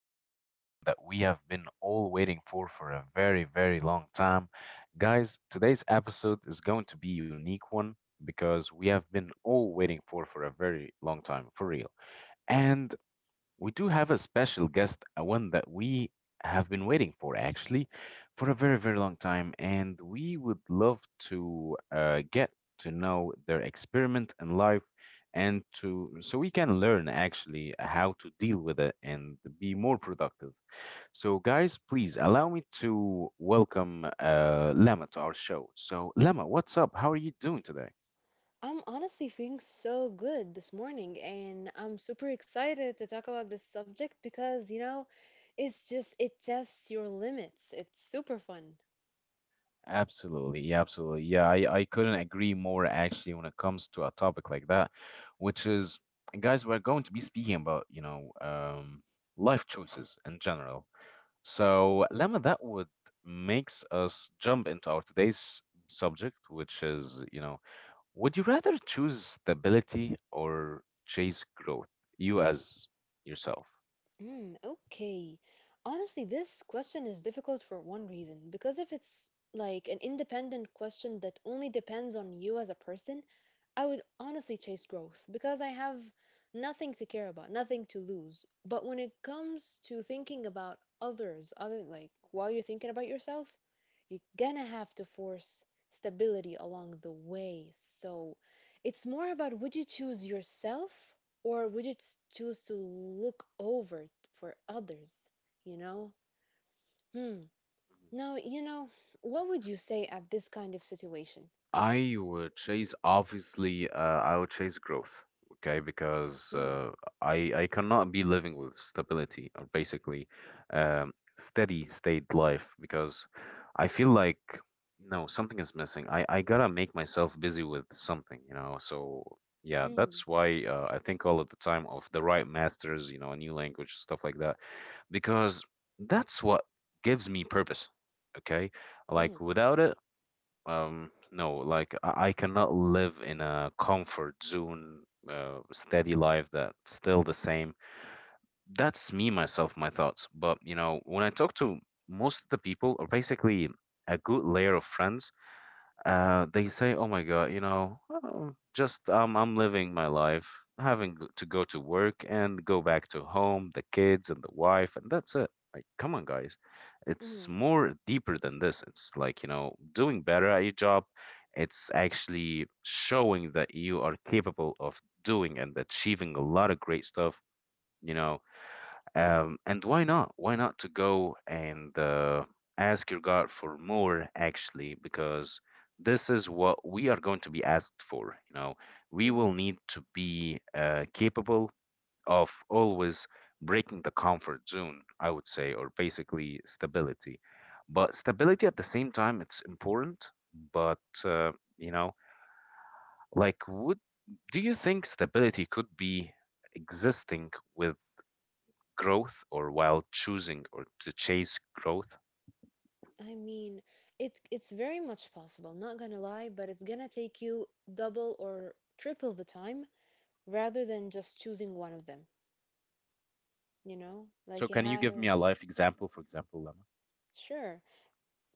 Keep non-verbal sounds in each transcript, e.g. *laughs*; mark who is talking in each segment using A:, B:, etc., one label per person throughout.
A: episode, the one that we have been all waiting for a very long time. Guys, today's episode is going to be unique one because we have been all waiting for a very long time, for real. And we do have a special guest, one that we have been waiting for actually for a very long time, and we would love to get to know their experiment in life and to so we can learn actually how to deal with it and be more productive. So, guys, please allow me to welcome Lama to our show. So, Lama, what's up? How are you doing today?
B: I'm honestly feeling so good this morning, and I'm super excited to talk about this subject because it tests your limits. It's super fun.
A: Absolutely. Yeah, I couldn't agree more actually when it comes to a topic like that, which is, guys, we're going to be speaking about, you know, life choices in general. So, Lemma, that would makes us jump into our today's subject, which is, you know, would you rather choose stability or chase growth? You as yourself.
B: Mm, okay. Honestly, this question is difficult for one reason because if it's like an independent question that only depends on you as a person, I would honestly chase growth because I have nothing to care about, nothing to lose. But when it comes to thinking about others, other like while you're thinking about yourself, you're gonna have to force stability along the way. So it's more about would you choose yourself or would you choose to look over for others? You know? Hmm. Now, what would you say at this kind of situation?
A: I would chase obviously I would chase growth, okay? Because
B: Mm.
A: uh, I cannot be living with stability or basically um, steady state life because I feel like no something is missing. I gotta make myself busy with something, you know. So yeah,
B: Mm.
A: that's why I think all of the time of the right masters, you know, a new language, stuff like that, because that's what gives me purpose. Okay,
B: Mm.
A: like without it, no, like I cannot live in a comfort zone, steady life that's still the same. That's me, myself, my thoughts. But you know, when I talk to most of the people, or basically a good layer of friends, they say, "Oh my God, you know, oh, just I'm living my life, having to go to work and go back to home, the kids and the wife, and that's it." Like, come on, guys, it's
B: Mm.
A: more deeper than this. It's like you know, doing better at your job. It's actually showing that you are capable of doing and achieving a lot of great stuff. You know, and why not? Why not to go and ask your God for more, actually, because this is what we are going to be asked for. You know, we
B: Hmm.
A: will need to be capable of always breaking the comfort zone, I would say, or basically stability. But stability at the same time, it's important. But you know, like, would do you think stability could be existing with growth or while choosing or to chase growth?
B: I mean, it's very much possible, not gonna lie, but it's gonna take you double or triple the time rather than just choosing one of them, you know?
A: So
B: Like you
A: can you
B: have.
A: give me a life example, for example, Lama?
B: Sure.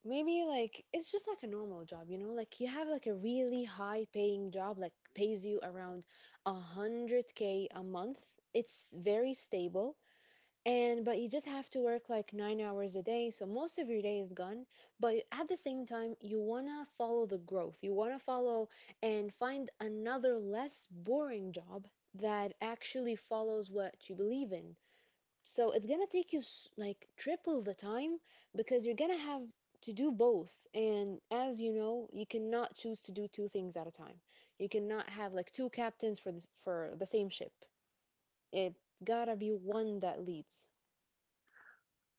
B: Maybe like it's just like a normal job, you know? Like you have like a really high paying job, like pays you around 100K a month. It's very stable. And but you just have to work like 9 hours a day, so most of your day is gone. But at the same time, you wanna follow the growth. You wanna follow and find another less boring job that actually follows what you believe in. So it's gonna take you like triple the time because you're gonna have to do both. And as you know, you cannot choose to do two things at a time. You cannot have like two captains for this for the same ship. It gotta be one that leads.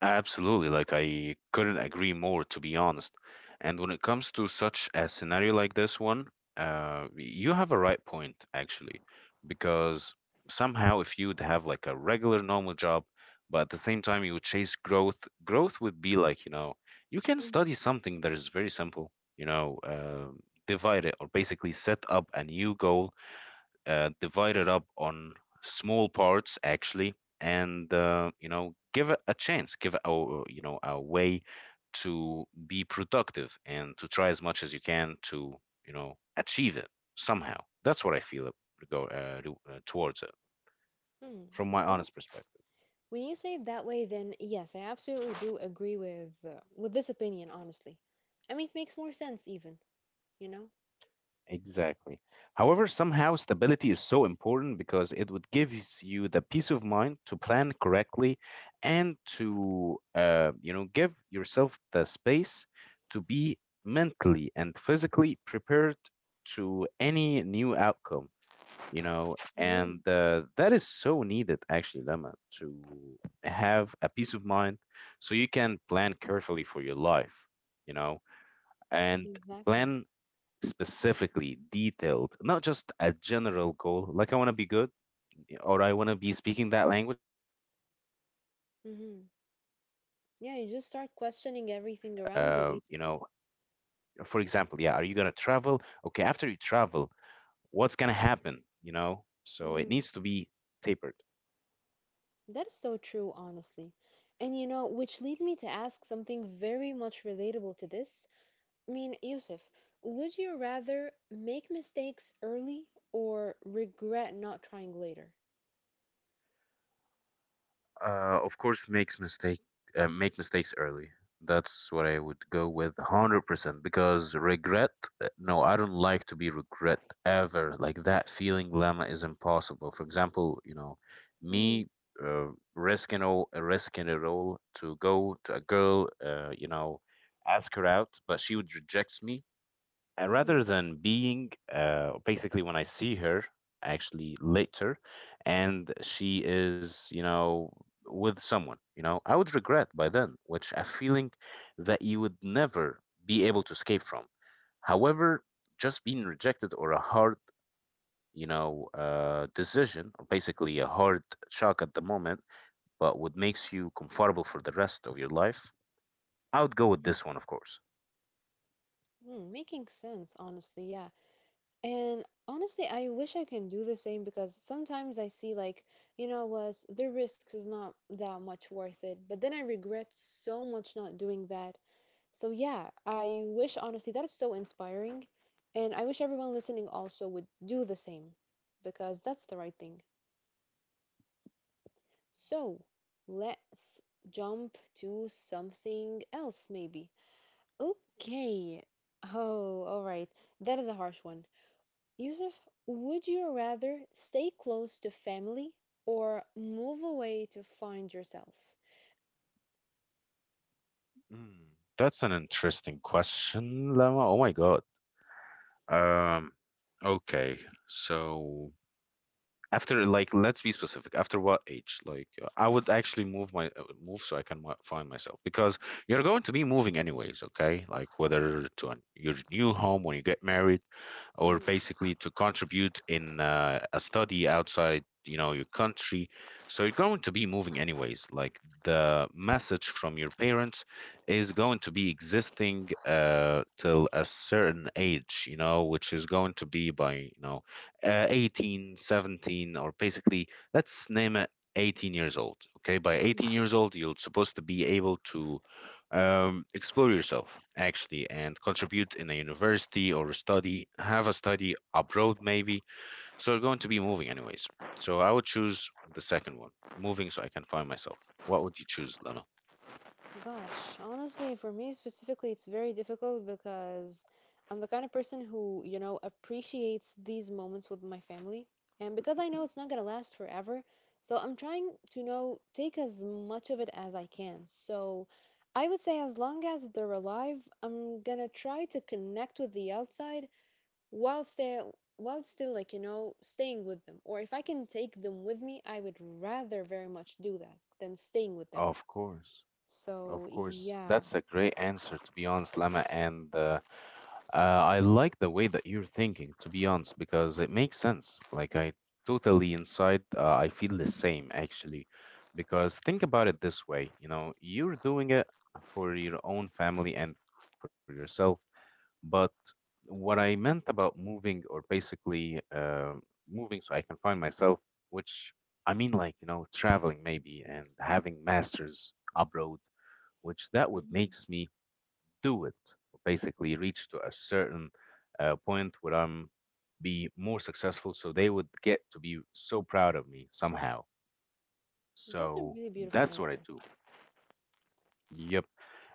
A: Absolutely, like I couldn't agree more, to be honest. And when it comes to such a scenario like this one, you have a right point, actually, because somehow if you'd have like a regular normal job, but at the same time you would chase growth, growth would be like, you know, you can
B: Mhm.
A: study something that is very simple, you know, divide it or basically set up a new goal divide it up on small parts actually and you know give it a chance give it a you know a way to be productive and to try as much as you can to you know achieve it somehow that's what I feel it go towards it
B: Hmm.
A: from my honest
B: Honest-
A: perspective.
B: When you say it that way, then yes, I absolutely do agree with this opinion. Honestly, I mean it makes more sense even. You know.
A: Exactly. However, somehow stability is so important because it would give you the peace of mind to plan correctly and to you know give yourself the space to be mentally and physically prepared to any new outcome, you know,
B: Hmm.
A: and that is so needed actually, Lama, to have a peace of mind so you can plan carefully for your life, you know, and
B: Exactly.
A: plan specifically detailed, not just a general goal, like I want to be good or I want to be speaking that language, you gotta specify, buddy,
B: Hmm.
A: why you want to
B: Yeah, you just
A: speak
B: start
A: that language.
B: questioning everything around you,
A: You know,
B: basically.
A: for example, yeah, are you gonna travel? Okay, after you travel, what's gonna happen? You know, so it
B: Mm,
A: needs to be tapered.
B: that is so true, honestly. And you know, which leads me to ask something very much relatable to this. I mean, Yusuf, would you rather make mistakes early or regret not trying later?
A: Of course, make mistakes early. That's what I would go with 100% because regret, no, I don't like to be regret ever. Like that feeling lemma is impossible. For example, you know,
B: Mm.
A: me uh, risking it all to go to a girl, you know, ask her out, but she would reject me
B: Mm-hmm.
A: rather than being basically when I see her actually later and she is, you know, with someone, you know, I would regret by then, which a feeling that you would never be able to escape from. However, just being rejected or a hard, you know, decision or basically a hard shock at the moment, but what makes you comfortable for the rest of your life, I would go with this one, of course.
B: Mm-hmm. Mm, making sense, honestly, yeah. And honestly, I wish I can do the same because sometimes I see, like, you know what, the risk is not that much worth it, but then I regret so much not doing that. So yeah, I wish honestly that is so inspiring, and I wish everyone listening also would do the same because that's the right thing. So, let's jump to something else maybe. Okay. Oh, all right. That is a harsh one. Yusuf, would you rather stay close to family or move away to find yourself?
A: Mm, that's an interesting question, Lama. Oh my God. Um, okay. So, after like, let's be specific. After what age? Like, I would actually move so I can find myself because you're going to be moving anyways. Okay, like whether to your new home when you get married, or
B: Mhm.
A: basically to contribute in a study outside, you know, your country. So you're going to be moving anyways. Like the message from your parents is going to be existing till a certain age, you know, which is going to be by you know 18, 17, or basically, let's name it 18 years old. Okay, by 18 years old, you're supposed to be able to explore yourself actually and contribute in a university or study, have a study abroad maybe. So you're going to be moving anyways. So I would choose the second one, moving so I can find myself. What would you choose, Lena?
B: Gosh, honestly, for me specifically, it's very difficult because I'm the kind of person who appreciates these moments with my family. And because I know it's not gonna last forever, so I'm trying to, take as much of it as I can. So I would say as long as they're alive, I'm gonna try to connect with the outside while still like, you know, staying with them. Or if I can take them with me, I would rather very much do that than staying with them.
A: Of course.
B: So
A: Of course.
B: yeah.
A: That's a great answer, to be honest, Lama. And I like the way that you're thinking, to be honest, because it makes sense. Like, I totally inside, I feel the same actually. Because think about it this way, you know, you're doing it for your own family and for yourself. But what I meant about moving, or basically moving so I can find myself, which I mean, like, you know, traveling maybe and having masters abroad, which that would
B: hmm
A: makes me do it, basically reach to a certain point where I'm be more successful, so they would get to be so proud of me somehow.
B: that's a
A: So
B: really beautiful
A: that's what I
B: answer.
A: do. Yep.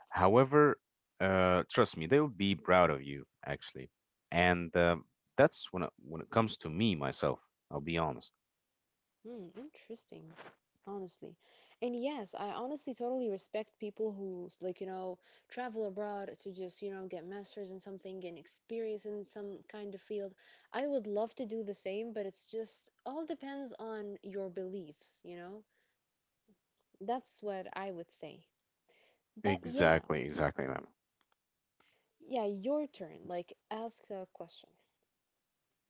A: However, trust me, they will be proud of you actually, and when it comes to me myself. I'll be honest.
B: Hmm, interesting, honestly. And yes, I honestly totally respect people who like you know travel abroad to just you know get masters in something and experience in some kind of field. I would love to do the same, but it's just all depends on your beliefs, you know? That's what I would say. But yeah,
A: Exactly, exactly, man.
B: yeah, your turn. Like ask a question.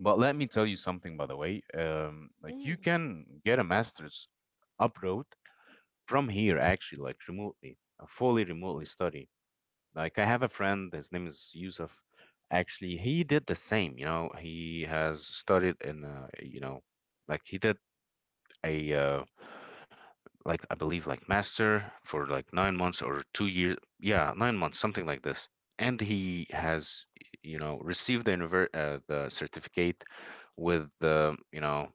A: But let me tell you something, by the way. Like you
B: Mm.
A: can get a master's abroad from here actually like remotely fully remotely study like I have a friend his name is yusuf actually he did the same you know he has studied in you know like he did a like I believe like master for like 9 months or 2 years yeah 9 months something like this and he has you know received the the certificate with the you know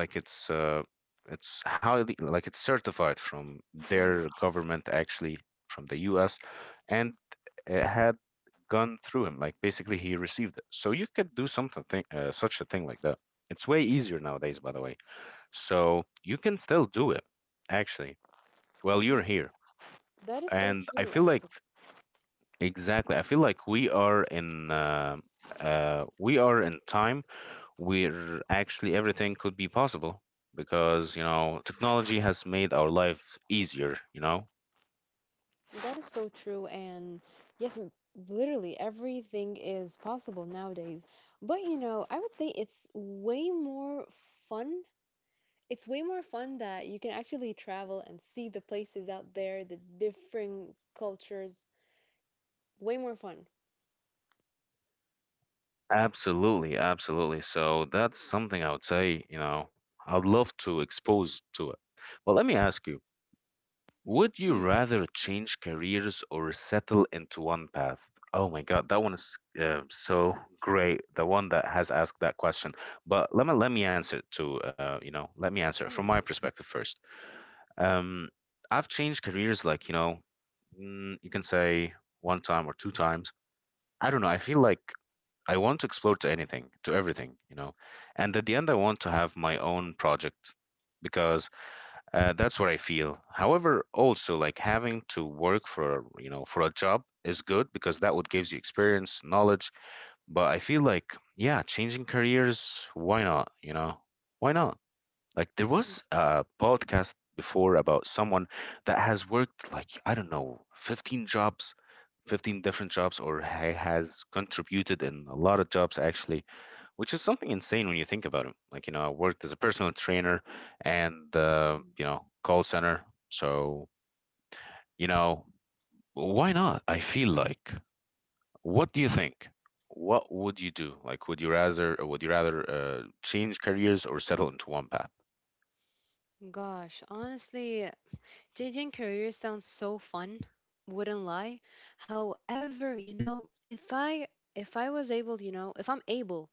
A: like it's highly like it's certified from
B: Mm.
A: their government actually from the U.S. and it had gone through him. Like basically, he received it. So you could do something such a thing like that. It's way easier nowadays, by the way. So you can still do it actually. Well,
B: Mm.
A: you're here,
B: That is so
A: and I
B: true,
A: feel like
B: actually.
A: exactly. I feel like we are in time we're actually everything could be possible because you know technology has made our life easier you know
B: That is so true, and yes, literally everything is possible nowadays. But you know, I would say it's way more fun. It's way more fun that you can actually travel and see the places out there, the different cultures. Way more fun.
A: absolutely absolutely so that's something I would say you know I'd love to expose to it well let me ask you would you
B: Mm,
A: rather change careers or settle into one path. Oh my god that one is so great the one that has asked that question but let me answer it to you know let me answer it from my
B: sure.
A: perspective first. Um, I've changed careers like, you know, mm, you can say one time or two times. I don't know. I feel like I want to explore to anything, to everything, you know. And at the end, I want to have my own project because that's what I feel. However, also like having to work for, you know, for a job is good because that what gives you experience, knowledge. But I feel like, yeah, changing careers, why not? You know, why not? Like there
B: Mm.
A: was a podcast before about someone that has worked, like, I don't know, 15 jobs, 15 different jobs, or has contributed in a lot of jobs actually, which is something insane when you think about it. Like, you know, I worked as a personal trainer and
B: Mm.
A: you know, call center. So, you know, why not? I feel like, what do you think? What would you do? Like, would you rather change careers or settle into one path?
B: Gosh, honestly, changing careers sounds so fun, wouldn't lie. However, you know, if I was able, you know, if I'm able,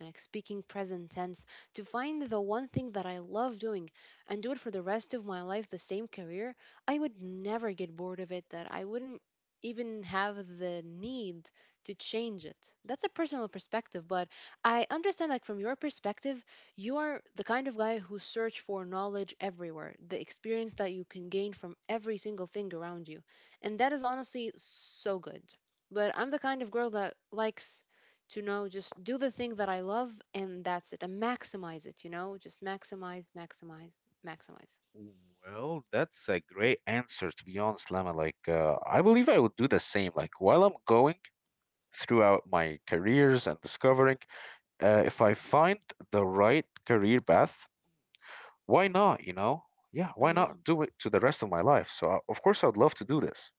B: like speaking present tense, to find the one thing that I love doing and do it for the rest of my life, the same career, I would never get bored of it, that I wouldn't even have the need to change it. That's a personal perspective, but I understand like from your perspective, you are the kind of guy who search for knowledge everywhere, the experience that you can gain from every single thing around you. And that is honestly so good. But I'm the kind of girl that likes to know just do the thing that I love and that's it. And maximize it, you know? Just maximize, maximize, maximize.
A: Well, that's a great answer, to be honest, Lama. Like, I believe I would do the same. Like, while I'm going throughout my careers and discovering, if I find the right career path, why not? You know, yeah, why not
B: Mhm.
A: do it to the rest of my life? So, of course, I'd love to do this.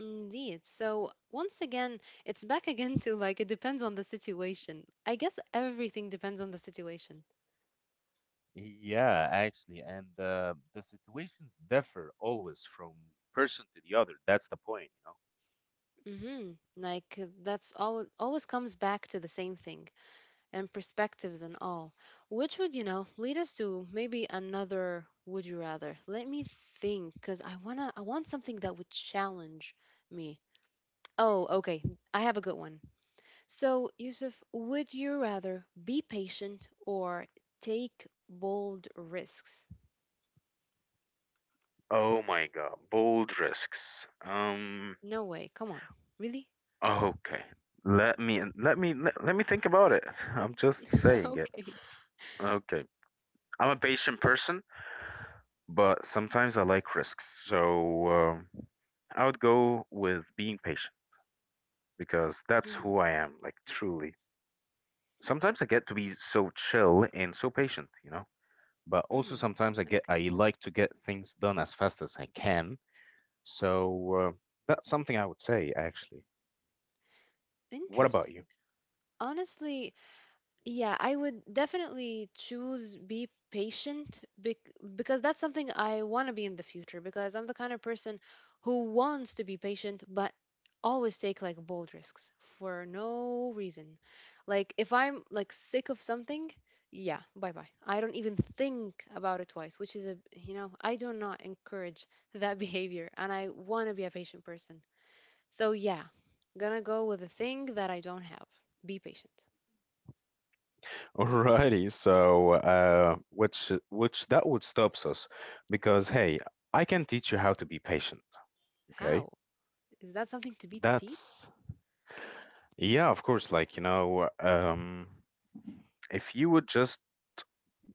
B: Indeed. So once again, it's back *laughs* again to like it depends on the situation. I guess everything depends on the situation.
A: Yeah, actually, and the situations differ always from person to the other. That's the point, you know.
B: Mm-hmm. Like that's all always comes back to the same thing and perspectives and all. Which would, you know, lead us to maybe another would you rather? Let me think cuz I want something that would challenge me. Oh, okay. I have a good one. So, Yusuf, would you rather be patient or take bold risks?
A: Oh my God, bold risks.
B: No way. Come on. Really?
A: Okay. Let me think about it. *laughs* I'm just
B: *laughs*
A: saying it.
B: Okay.
A: Okay. I'm a patient person, but sometimes I like risks. So, I would go with being patient because that's who I am, like, truly. Sometimes I get to be so chill and so patient, you know. But also
B: Mm-hmm.
A: sometimes I
B: Okay.
A: like to get things done as fast as I can. So that's something I would say actually. What about
B: Interesting.
A: you?
B: Honestly, yeah, I would definitely choose be patient because that's something I want to be in the future because I'm the kind of person who wants to be patient but always take like bold risks for no reason. Like if I'm like sick of something, yeah, bye-bye. I don't even think about it twice, which is a, I do not encourage that *laughs* behavior and I want to be a patient person. So yeah, gonna go with the thing that I don't have. Be patient.
A: *laughs* Alrighty, so which that would stops us because hey, I can teach you how to be patient. Okay,
B: How? Is that something to be teached?
A: that's yeah, of course. Like, you know, if you would just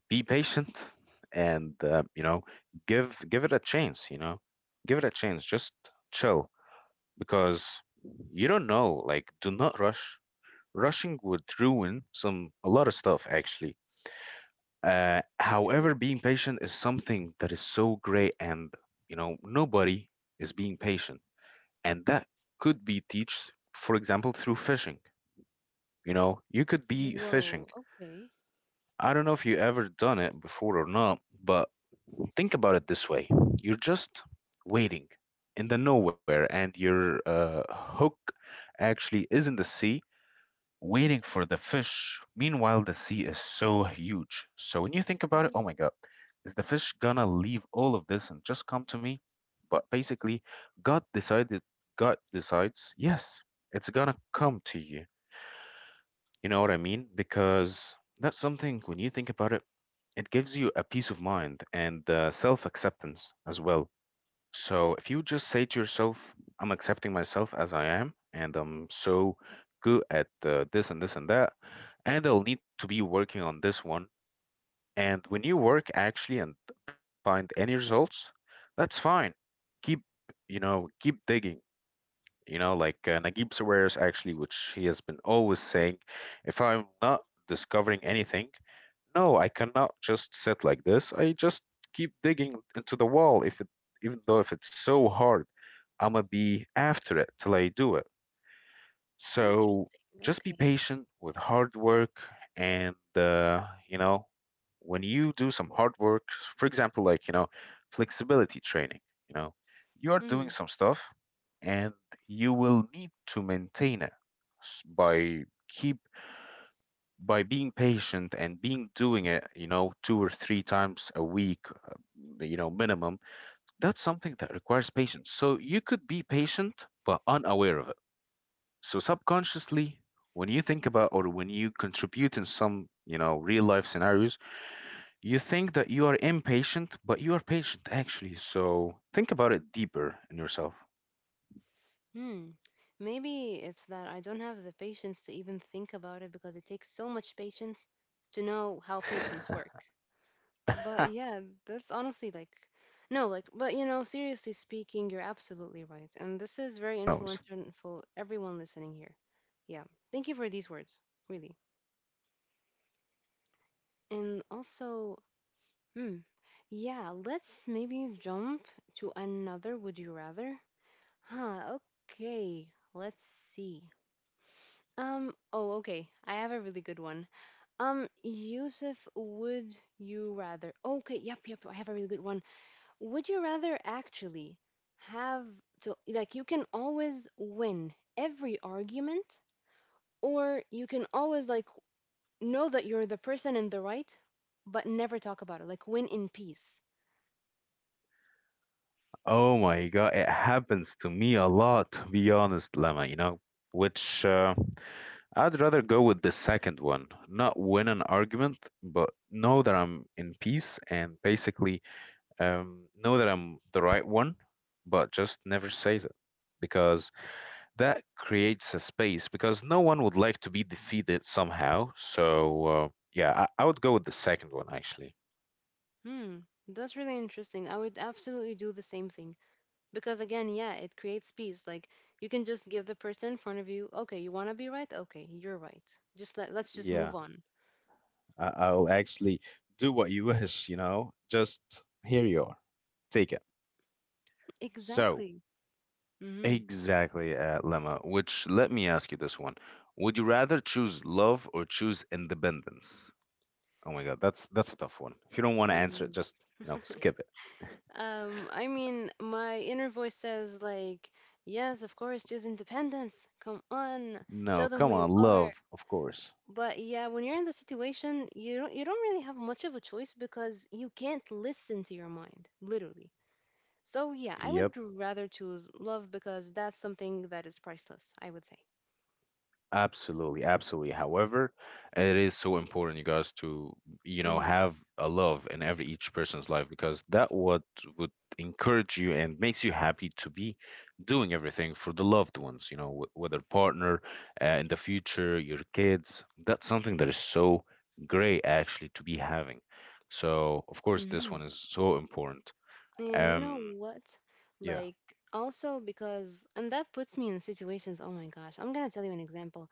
A: be patient *laughs* and you know, give it a chance. You know, give it a chance. Just chill because you don't know. Like, do not rush. Rushing would ruin some a lot of stuff actually.
B: True.
A: However, being patient is something that is so great, and, you know, nobody is being patient, and that could be teached, for example, through fishing. You know, you could be
B: Whoa.
A: fishing.
B: Okay.
A: I don't know if you ever done it before or not, but think about it this way. You're just waiting in the nowhere, and your hook actually is in the sea waiting for the fish. Meanwhile, the sea is so huge. So when you think about it, oh
B: Mhm.
A: my God, is the fish gonna leave all of this and just come to me? But basically, God decided, God decides, yes, it's gonna come to you, you know what I mean?
B: Mm,
A: Because that's something, when you think about it, it gives you a peace of mind and self acceptance as well. So if you just say to yourself, I'm accepting myself as I am, and I'm so good at this and this and that, and I'll need to be working on this one. And when you work actually and doesn't find any results, that's fine. Keep, you know, keep digging, you know, like, Naguib Sawiris, actually, which he has been always saying, if I'm not discovering anything, no, I cannot just sit like this. I just keep digging into the wall, if it, even though if it's so hard, I'ma be after it till I do it. So
B: interesting.
A: just be
B: Okay.
A: patient with hard work. And, you know, when you do some hard work, for example, like, you know, flexibility training, you know, you are doing
B: Hmm.
A: some stuff, and you will need to maintain it by keep, by being patient and being doing it, you know, two or three times a week, you know, minimum. That's something that requires patience, so you could be patient but unaware of it. So subconsciously, when you think about or when you contribute in some, you know, real life scenarios, you think that you are impatient, but you are patient actually. So think about it deeper in yourself.
B: Hmm. Maybe it's that I don't have the patience to even think about it because it takes so much patience to know how patients work. But yeah,
A: *laughs*
B: that's honestly
A: Maybe,
B: like, no, like, but you know, seriously speaking, you're absolutely right. And this
A: maybe,
B: is
A: who
B: very
A: knows?
B: influential for everyone listening here. Yeah. Thank you for these words, really. And also, hmm. Yeah, let's maybe jump to another would you rather? Huh, okay. Let's see. Oh, okay. I have a really good one. Yusuf, would you rather? Okay, yep, yep. I have a really good one. Would you rather actually have to, like, you can always win every argument, or you can always, like, know that you're the person in the right, but never talk about it, like, win in peace?
A: Oh my God, it happens to me a lot, to be honest, Lama, you know, which I'd rather go with the second one, not win an argument, but know that I'm in peace and basically, know that I'm the right one, but just never says it because that creates a space because no one would like to be defeated somehow. So, yeah, I would go with the second one actually.
B: Hmm, that's really interesting. I would absolutely do the same thing because again, yeah, it creates peace. Like you can just give the person in front of you, okay, you want to be right? Okay, you're right. Just let Let's just
A: Yeah,
B: move on.
A: I'll actually do what you *laughs* wish, you know? Just here you are. Take it. So,
B: Exactly. Mm-hmm.
A: exactly, Lemma, which let me ask you this one. Would you rather choose love or choose independence? Oh my God, that's a tough one. If you don't want to answer it, just, you know, skip it. *laughs*
B: I mean, my inner voice says like, yes, of course, choose independence. Come on, show
A: No,
B: them who
A: come
B: you
A: on,
B: are.
A: love, of course.
B: But yeah, when you're in the situation, you don't really have much of a choice because you can't listen to your mind, literally. So yeah, I
A: Yep.
B: would rather choose love because that's something that is priceless, I would say.
A: Absolutely, absolutely. However, it is so important, you guys, to, you know,
B: Mm.
A: have a love in every each person's life because that what would encourage you and makes you happy to be doing everything for the loved ones. You know, whether partner, in the future, your kids. That's something that is so great actually to be having. So, of course, this one
B: Hmm.
A: is so important.
B: And you know
A: Um,
B: what?
A: yeah.
B: Like also because and that puts me in situations, oh my gosh, I'm gonna tell you an example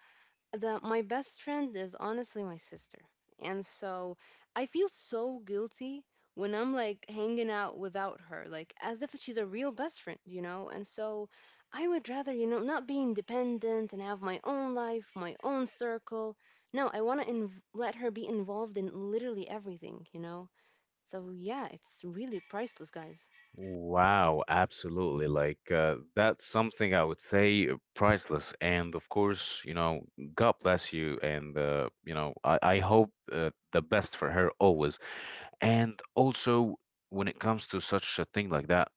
B: that my best friend is honestly my sister. And so I feel so guilty when I'm like hanging out without her, like as if she's a real best friend, you know? And so I would rather, you know, not be independent and have my own life, my own circle. No, I want to let her be involved in literally everything, you know? So yeah, it's really priceless, guys.
A: Wow, absolutely. Like, that's something I would say priceless. And of course, you know, God bless you. And, you know, I hope the best for her always. And also, when it comes to such a thing like that,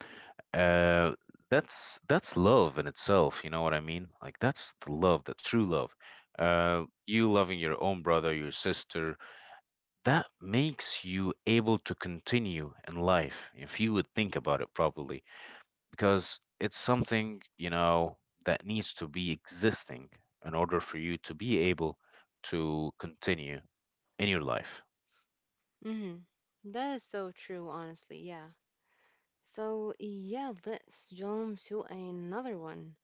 A: uh, that's love in itself. You know what I mean? Like, that's the love, the true love. You loving your own brother, your sister, that makes you able to continue in life if you would think about it properly because it's something, you know, that needs to be existing in order for you to be able to continue in your life.
B: Hmm. That is so true, honestly. Yeah. So yeah, let's jump to another one.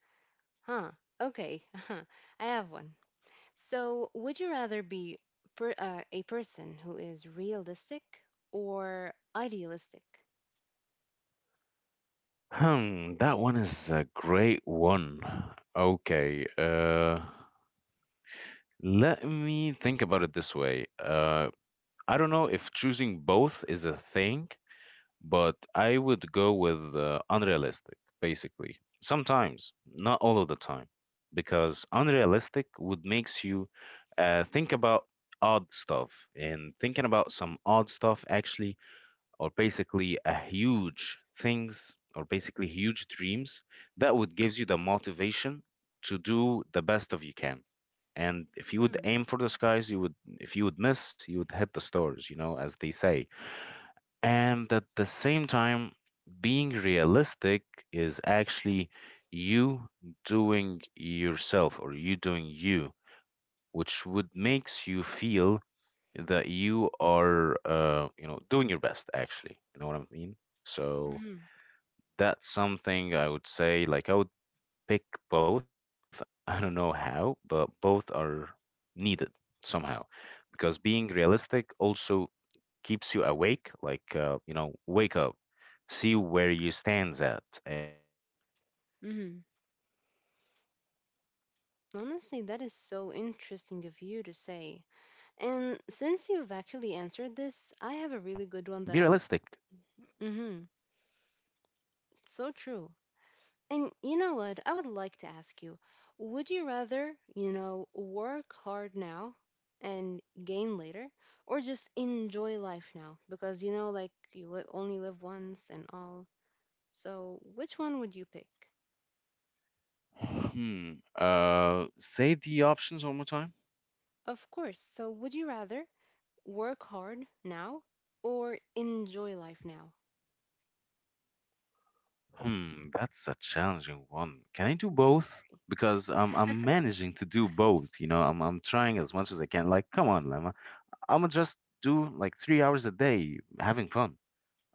B: Huh. Okay. *laughs* I have one. So, would you rather be a person who is realistic or idealistic?
A: Hmm, that one is a great one. Okay, let me think about it this way. I don't know if choosing both is a thing, but I would go with, unrealistic basically, sometimes, not all of the time, because unrealistic would makes you think about odd stuff, and thinking about some odd stuff actually, or basically a huge things or basically huge dreams that would gives you the motivation to do the best of you can. And if you would
B: Mm.
A: aim for the skies, you would, if you would miss, you would hit the stars, you know, as they say. And at the same time, being realistic is actually you doing yourself or you doing you, which would makes you feel that you are, you know, doing your best actually. You know what I mean? So
B: Mhm.
A: that's something I would say, like, I would pick both. *laughs* I don't know how, but both are needed somehow because being realistic also keeps you awake, like, you know, wake up, see where you stands at. And that
B: Mhm.
A: perspective actually gives you the chance to
B: Honestly, that is
A: go ahead
B: so
A: right
B: interesting
A: away
B: of you to
A: and,
B: say.
A: you know,
B: And since
A: be
B: you've actually
A: realistic.
B: answered this, I have a really good one that I'm. Mhm. So true. And you know what? I would like to ask you would you rather, you know, work hard now and gain later, or just enjoy life now? Because, you know, like you only live once and all. So, which one would you pick?
A: Hmm. Say the options one more time.
B: Of course. So, would you rather work hard now or enjoy life now?
A: Hmm, that's a challenging one. Can I do both? Because I'm managing to do both, you know. I'm trying as much as I can. Like, come on, Lemma. I'ma just do like 3 hours a day having fun.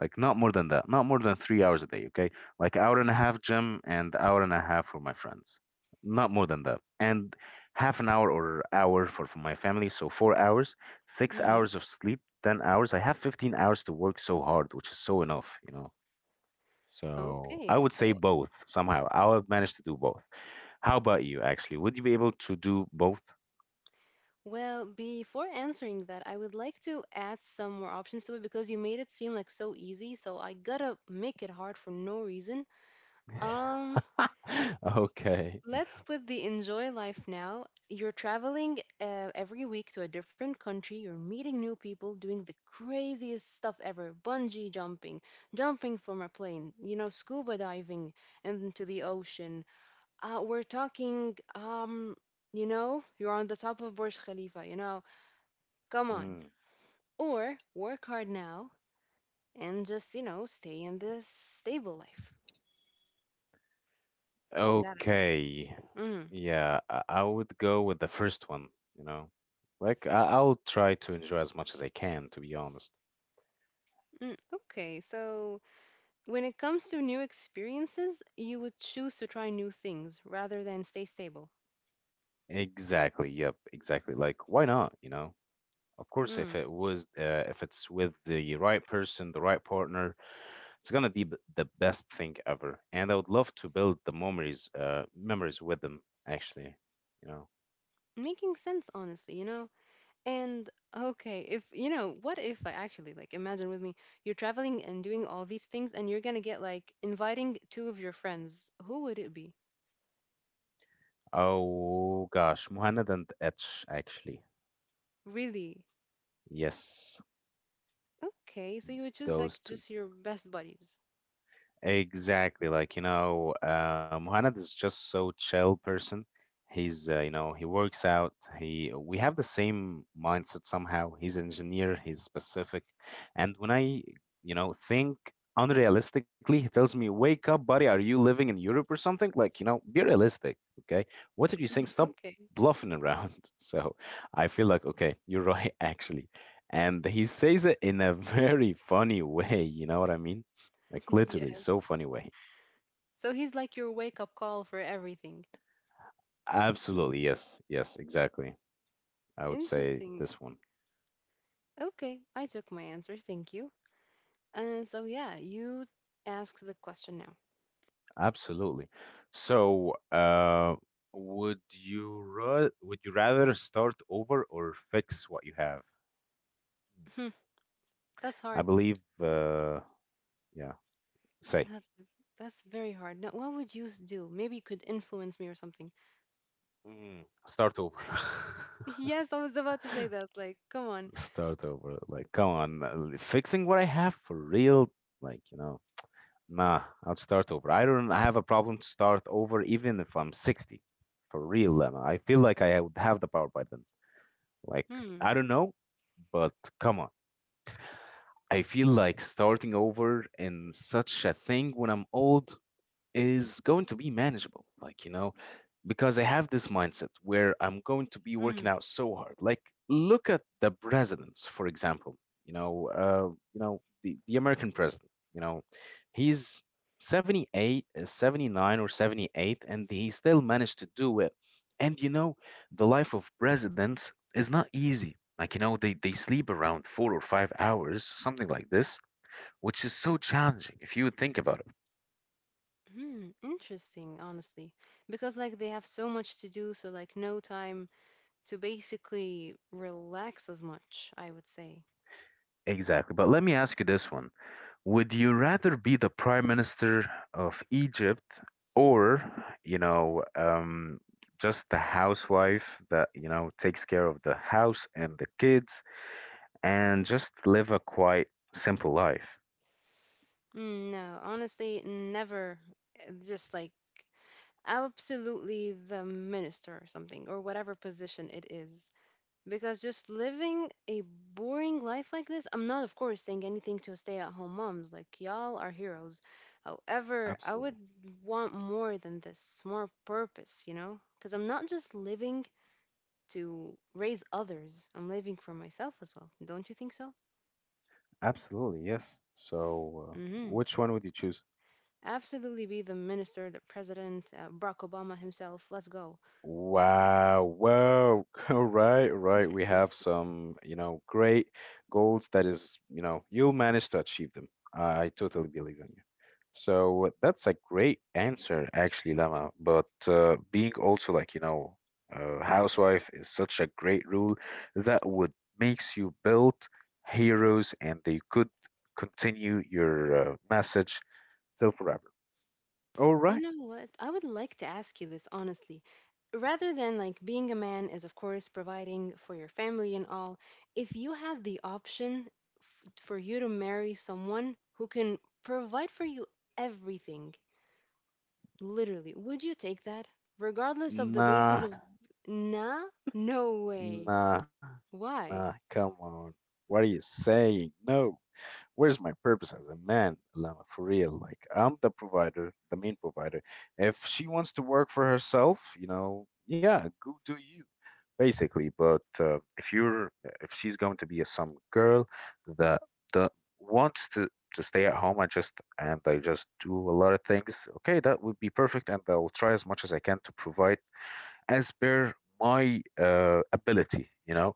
A: Like, not more than that. Not more than 3 hours a day, okay? Like, hour and a half gym and hour and a half for my friends. Not more than that. And half an hour or hour for my family, so 4 hours, six
B: Mm-hmm.
A: hours of sleep, 10 hours. I have 15 hours to work so hard, which is so enough, you know. So I
B: Okay,
A: would say
B: so.
A: both somehow. I'll manage to do both. How about you actually? Would you be able to do both?
B: Well, before answering that, I would like to add some more options to it because you made it seem like so easy, so I gotta make it hard for no reason. Um,
A: *laughs* Okay.
B: let's put the enjoy life now. You're traveling every week to a different country, you're meeting new people, doing the craziest stuff ever, bungee jumping, jumping from a plane, you know, scuba diving into the ocean. We're talking, you know, you're on the top of Burj Khalifa, you know. Come on.
A: Mm.
B: Or work hard now and just, you know, stay in this stable life. Got it.
A: Okay.
B: Mm,
A: Yeah, I would go with the first one, you know. Like I'll try to enjoy as much as I can, to be honest.
B: mm. Okay, so when it comes to new experiences, you would choose to try new things rather than stay stable.
A: Exactly. Yep, exactly. Like, why not, you know? Of course,
B: Mm.
A: if it was, if it's with the right person, the right partner, it's gonna be the best thing ever. And I would love to build the memories memories with them actually, you know.
B: Making sense, honestly, you know? And okay, if, you know, what if I actually, like, imagine with me, you're traveling and doing all these things and you're gonna get, like, inviting two of your friends. Who would it be?
A: Oh gosh, Muhannad and Etch actually.
B: Really?
A: Yes,
B: Okay, so you would choose,
A: those
B: like,
A: two.
B: just your best buddies.
A: Exactly. Like, you know, Muhammad is just so chill person. He's, you know, he works out. He, we have the same mindset somehow. He's engineer, he's specific. And when I, you know, think unrealistically, he tells me, "Wake up, buddy. Are you living in Europe or something?" Like, you know, be realistic, okay? What are you saying?
B: *laughs*
A: Stop
B: Okay.
A: bluffing around. *laughs* So I feel like, okay, you're right, *laughs* actually. And he says it in a very funny way, you know what I mean? Like,
B: *laughs*
A: literally, so
B: Yes.
A: funny way.
B: So he's like your wake up call for everything.
A: Absolutely, yes, yes, exactly. I would say
B: Interesting.
A: this one.
B: Okay, I took my answer. Thank you. And so yeah, you ask the question now.
A: Absolutely. So, would you rather start over or fix what you have?
B: Hmm, that's
A: I
B: hard.
A: believe, yeah, say,
B: That's that's very hard. Now, what would you do? Maybe you could influence me or something.
A: Start over.
B: *laughs*
A: *laughs*
B: Yes, I was about to say that. Like, come on.
A: Start over. Like, come on, fixing what I have for real. Like, you know. Nah, I'd start over. I don't have a problem to start over even if I'm 60. For real, Lemma. I feel like I would have the power by then. Like,
B: Hmm.
A: I don't know, but come on. I feel like starting over in such a thing when I'm old is going to be manageable. Like, you know, because I have this mindset where I'm going to be
B: Hmm.
A: working out so hard. Like, look at the presidents, for example. You know, the American president. You know, he's 78, 79 or 78, and he still managed to do it. And you know, the life of presidents is not easy. Like, you know, they sleep around 4 or 5 hours, something like this, which is so challenging if you would think about it.
B: Hmm. Interesting, honestly, because like they have so much to do, so like no time to basically relax as much, I would say.
A: Exactly. But let me ask you this one. Would you rather be the prime minister of Egypt or, you know, just the housewife that, you know, takes care of the house and the kids and just live a quite simple life?
B: Mm, no, honestly, never. Just like absolutely the minister or something, or whatever position it is. Because just living a boring life like this, I'm not, of course, saying anything to stay at home moms. Like, y'all are heroes. However, I would
A: Absolutely.
B: want more than this, more purpose, you know? Because I'm not just living to raise others, I'm living for myself as well. Don't you think so?
A: Absolutely, yes. So,
B: Mm hmm.
A: which one would you choose?
B: Absolutely be the minister, the president, Barack Obama himself. Let's go.
A: Wow. Wow. *laughs* All right, right. We have some, you know, great goals that is, you know, you'll manage to achieve them. I totally believe in you. So that's a great answer, actually, Lama. But being also like, you know, housewife is such a great rule that would makes you build heroes and they could continue your message till forever. All
B: You
A: right.
B: know what? I would like to ask you this honestly. Rather than like being a man is, of course, providing for your family and all, if you had the option for you to marry someone who can provide for you everything, literally, would you take that? Regardless of the basis
A: Nah,
B: of, nah, no way.
A: Nah, nah,
B: Why?
A: come on. What are you saying? No. Where's my purpose as a man, Lama? For real, like I'm the provider, the main provider. If she wants to work for herself, you know, yeah, go do you, basically. But if she's going to be a some girl that that wants to stay at home and just and I just do a lot of things, okay, that would be perfect, and I will try as much as I can to provide as per my ability, you know.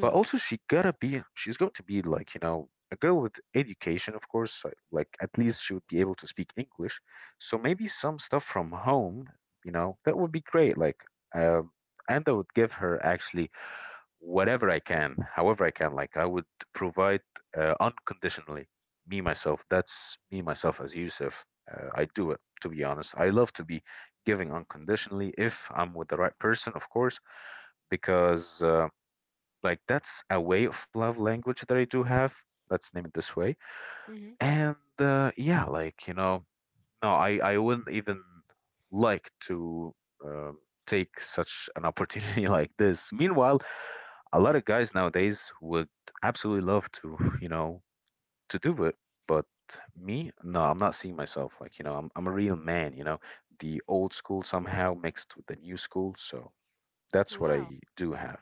A: But also, she's going to be like, you know, a girl with education, of course. Like, at least she would be able to speak English. So maybe some stuff from home, you know, that would be great. Like, um, and that would give her actually whatever I can, however I can. Like I would provide unconditionally. Me myself. That's me myself as Yusuf. I do it to be honest. I love to be giving unconditionally if I'm with the right person, of course, because like that's a way of love language that I do have. Let's name it this way.
B: Mm-hmm.
A: And yeah, like you know, no, I wouldn't even like to um, take such an opportunity *laughs* like this. Meanwhile, a lot of guys nowadays would absolutely love to, *laughs* you know, to do it. But me, no, I'm not seeing myself like, you know, I'm a real man, you know, the old school somehow mixed with the new school. So that's what
B: Wow.
A: I do have.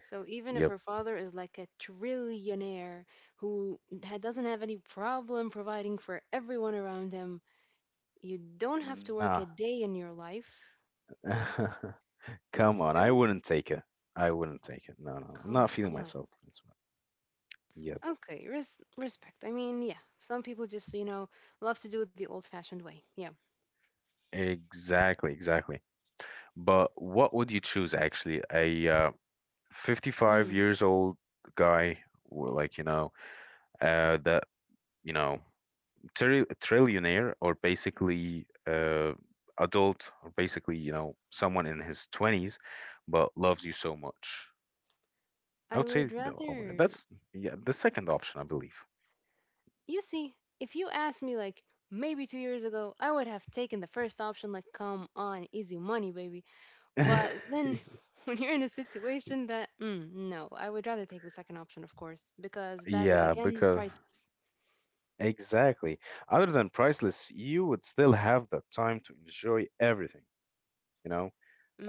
B: So even if
A: Yep.
B: her father is like a trillionaire who doesn't have any problem providing for everyone around him, you don't have to work a
A: Nah.
B: day in your life.
A: *laughs* Come on. I
B: Still,
A: wouldn't take it. I wouldn't take it. No, no, I'm
B: come
A: not feeling
B: on.
A: myself this way. Yeah.
B: Okay, respect. I mean, yeah, some people just, you know, love to do it the old fashioned way. Yeah.
A: Exactly, exactly. But what would you choose actually? A 55
B: Mhm.
A: years old guy, like, you know, that, you know, trillionaire or basically adult or basically, you know, someone in his 20s, but loves you so much. I
B: I
A: would
B: would
A: say, oh my God,
B: rather,
A: that's, yeah, the second option, I believe.
B: you see, if you asked me like maybe 2 years ago, I would have taken the first option, like, come on, easy money, baby. But then
A: *laughs*
B: *laughs* when you're in a situation that, mm, no, I would rather take the second option, of course, because that is
A: Yeah,
B: again
A: because
B: priceless.
A: exactly. Other than priceless, you would still have the time to enjoy everything. You know,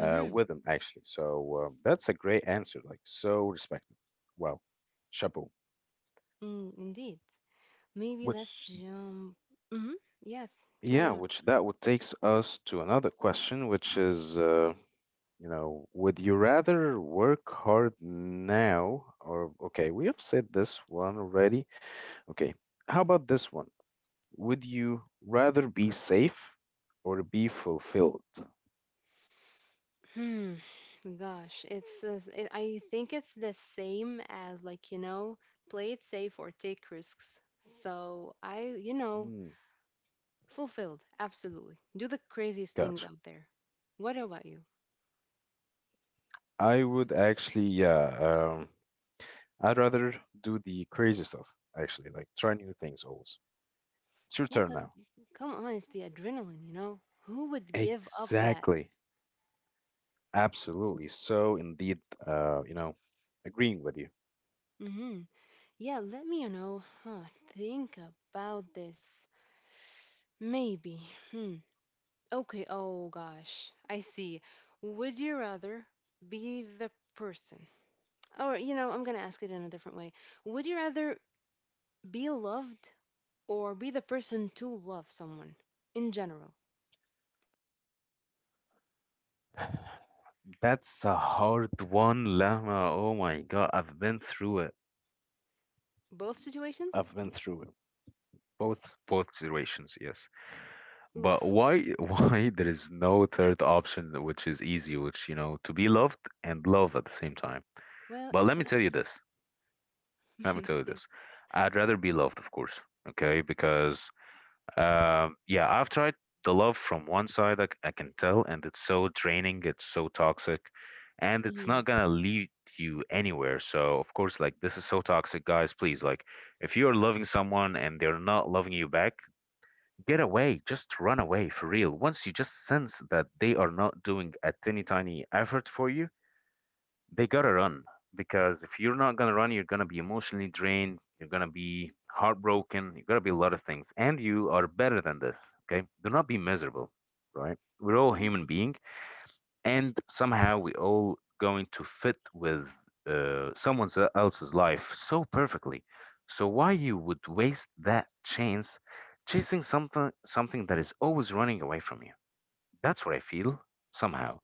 A: with them actually. So that's a great answer, like so respected. Wow, chapeau.
B: Mm, indeed. Maybe let's
A: Which
B: jump. Mm-hmm. Yes, carry
A: yeah,
B: on.
A: which that would takes us to another question, which is you know, would you rather work hard now or okay, we have said this one already. Okay, how about this one? Would you rather be safe or be fulfilled?
B: Hmm. Gosh, it's I think it's the same as like, you know, play it safe or take risks. So I, you know,
A: Mm,
B: fulfilled, absolutely. Do the craziest things
A: gotcha.
B: out there. What about you?
A: I would actually, yeah. I'd rather do the crazy stuff, actually, like try new things always. It's your
B: Yeah,
A: turn
B: because
A: now.
B: come on, it's the adrenaline, you know? Who would give up that?
A: Exactly. Absolutely. So indeed, you know, agreeing with you.
B: Mm-hmm. Yeah, let me, you know, think about this. Maybe. Hmm. Okay, oh gosh. I see. Would you rather be the person? Or, you know, I'm gonna ask it in a different way. Would you rather be loved or be the person to love someone in general?
A: *laughs* That's a hard one, Lama. Oh my God, I've been through it.
B: Both
A: I've
B: situations?
A: been through it. Both situations, yes. But
B: Oof.
A: why *laughs* why there is no third option which is easy, which you know, to be loved and love at the same time.
B: Well,
A: But
B: it's
A: let me tell you this. Let me
B: life.
A: tell you
B: *laughs* Yeah.
A: this. I'd rather be loved, of course. Okay, because yeah, I've tried the love from one side. I can tell, and it's so draining. It's so toxic, and it's not
B: Mm-hmm.
A: gonna lead you anywhere. So of course, like this is so toxic, guys. Please, like, if you're loving someone and they're not loving you back, get away. Just run away for real. Once you just sense that they are not doing a tiny, tiny effort for you they gotta run because if you're not gonna run, you're gonna be emotionally drained, you're gonna be heartbroken, you're gonna be a lot of things, and you are better than this. Okay, do not be miserable, right? We're all human
B: Hmm.
A: being, and somehow we all going to fit with someone else's life so perfectly. So why you would waste that chance chasing something that is always running away from you? That's what I feel somehow.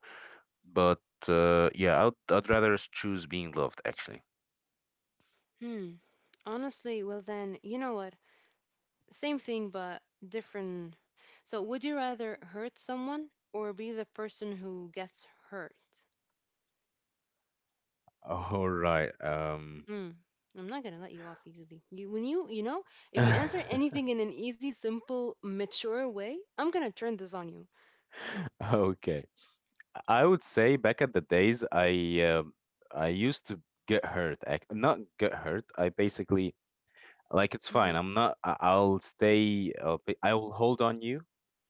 A: But yeah, I'd rather choose being loved actually.
B: Hmm. Honestly, well then, you know what? Same thing but different. So, would you rather hurt someone or be the person who gets hurt?
A: All right.
B: Mm, I'm not gonna let you off easily. You know, if you answer
A: *laughs*
B: anything in an easy, simple, mature way, I'm gonna turn this on you.
A: Okay. I would say back at the days, I used to get hurt. Not get hurt. I basically like it's fine.
B: Mm,
A: I'm not. I'll stay. I will hold on you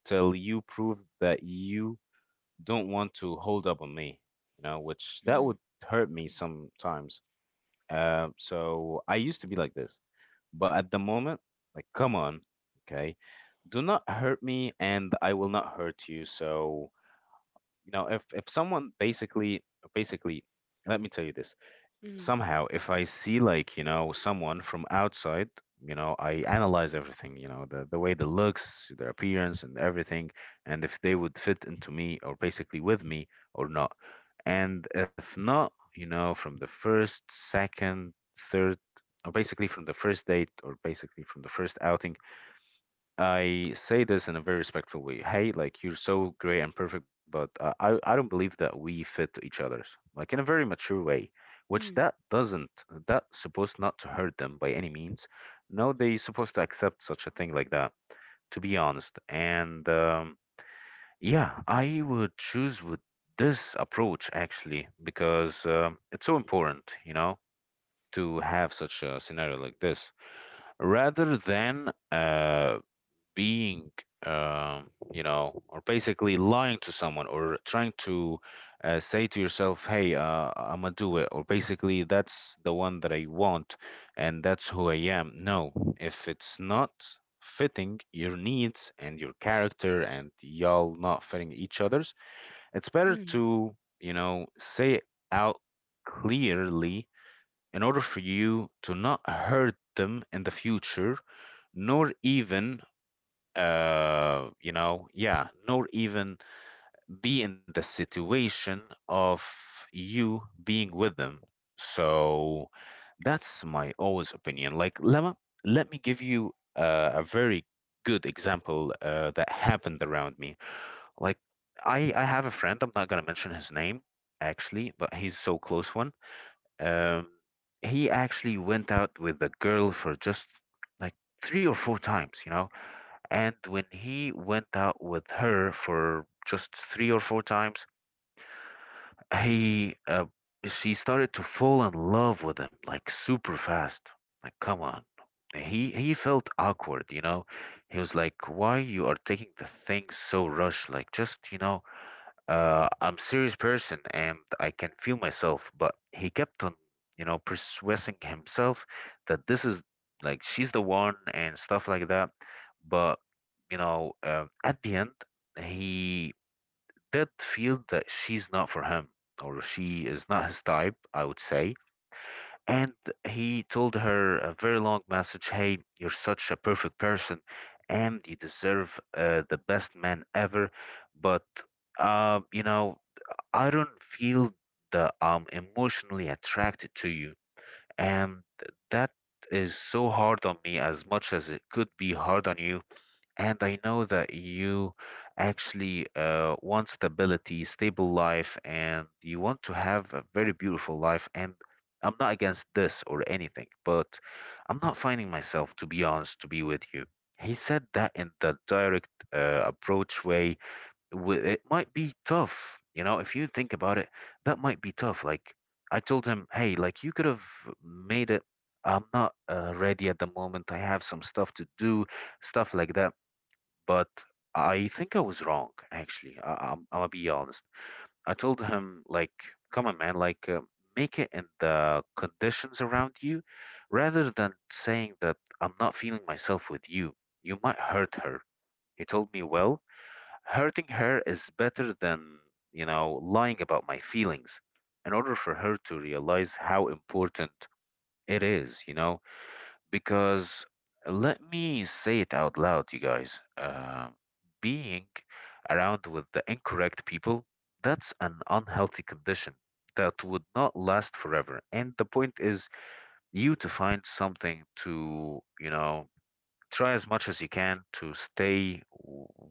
A: till you prove that you don't want to hold up on me. You know, which that would
B: mm,
A: hurt me sometimes. So I used to be like this, but at the moment, like, come on, okay, do not hurt me, and I will not hurt you. So you know, if someone basically, basically, let me tell you this:
B: mm,
A: somehow if I see like you know someone from outside, you know I analyze everything, you know the way they looks, their appearance and everything, and if they would fit into me or basically with me or not, and if not, you know, from the first second, third, or basically from the first date or basically from the first outing, I say this in a very respectful way. Hey, like you're so great and perfect, but I don't believe that we fit to each other's, like in a very mature way, which
B: mm,
A: that doesn't that supposed not to hurt them by any means. No, they supposed to accept such a thing like that. To be honest, and yeah, I would choose with this approach actually because it's so important, you know, to have such a scenario like this rather than being you know, or basically lying to someone or trying to say to yourself, hey I'm gonna do it or basically that's the one that I want and that's who I am. No, if it's not fitting your needs and your character and y'all not fitting each other's, it's better
B: mm,
A: to, you know, say it out clearly in order for you to not hurt them in the future, nor even nor even be in the situation of you being with them. So that's my always opinion, like Lema. Let me give you a very good example that happened around me. Like, I have a friend, I'm not going to mention his name actually, but he's so close one. Um, he actually went out with the girl for just like 3 or 4 times, you know. And when he went out with her for just 3 or 4 times, he she started to fall in love with him like super fast. Like, come on. He felt awkward, you know. He was like, "Why you are taking the thing so rush? Like, just you know, I'm serious person and I can feel myself. But he kept on, you know, persuading himself that this is like she's the one and stuff like that. But you know, at the end, he did feel that she's not for him or she is not his type. I would say. And he told her a very long message. Hey, you're such a perfect person, and you deserve the best man ever. But you know, I don't feel that I'm emotionally attracted to you. And that is so hard on me as much as it could be hard on you. And I know that you actually want stability, stable life, and you want to have a very beautiful life. And I'm not against this or anything, but I'm not finding myself, to be honest, to be with you. He said that in the direct approach way it might be tough. You know, if you think about it, that might be tough. Like, I told him, hey, like, you could have made it. I'm not ready at the moment. I have some stuff to do, stuff like that. But I think I was wrong, actually. I'm gonna be honest. I told him, like, come on, man, like, make it in the conditions around you rather than saying that I'm not feeling myself with you. You might hurt her. He told me, well, hurting her is better than, you know, lying about my feelings in order for her to realize how important it is, you know, because let me say it out loud, you guys. Being around with the incorrect people, that's an unhealthy condition that would not last forever. And the point is you to find something to, you know, try as much as you can to stay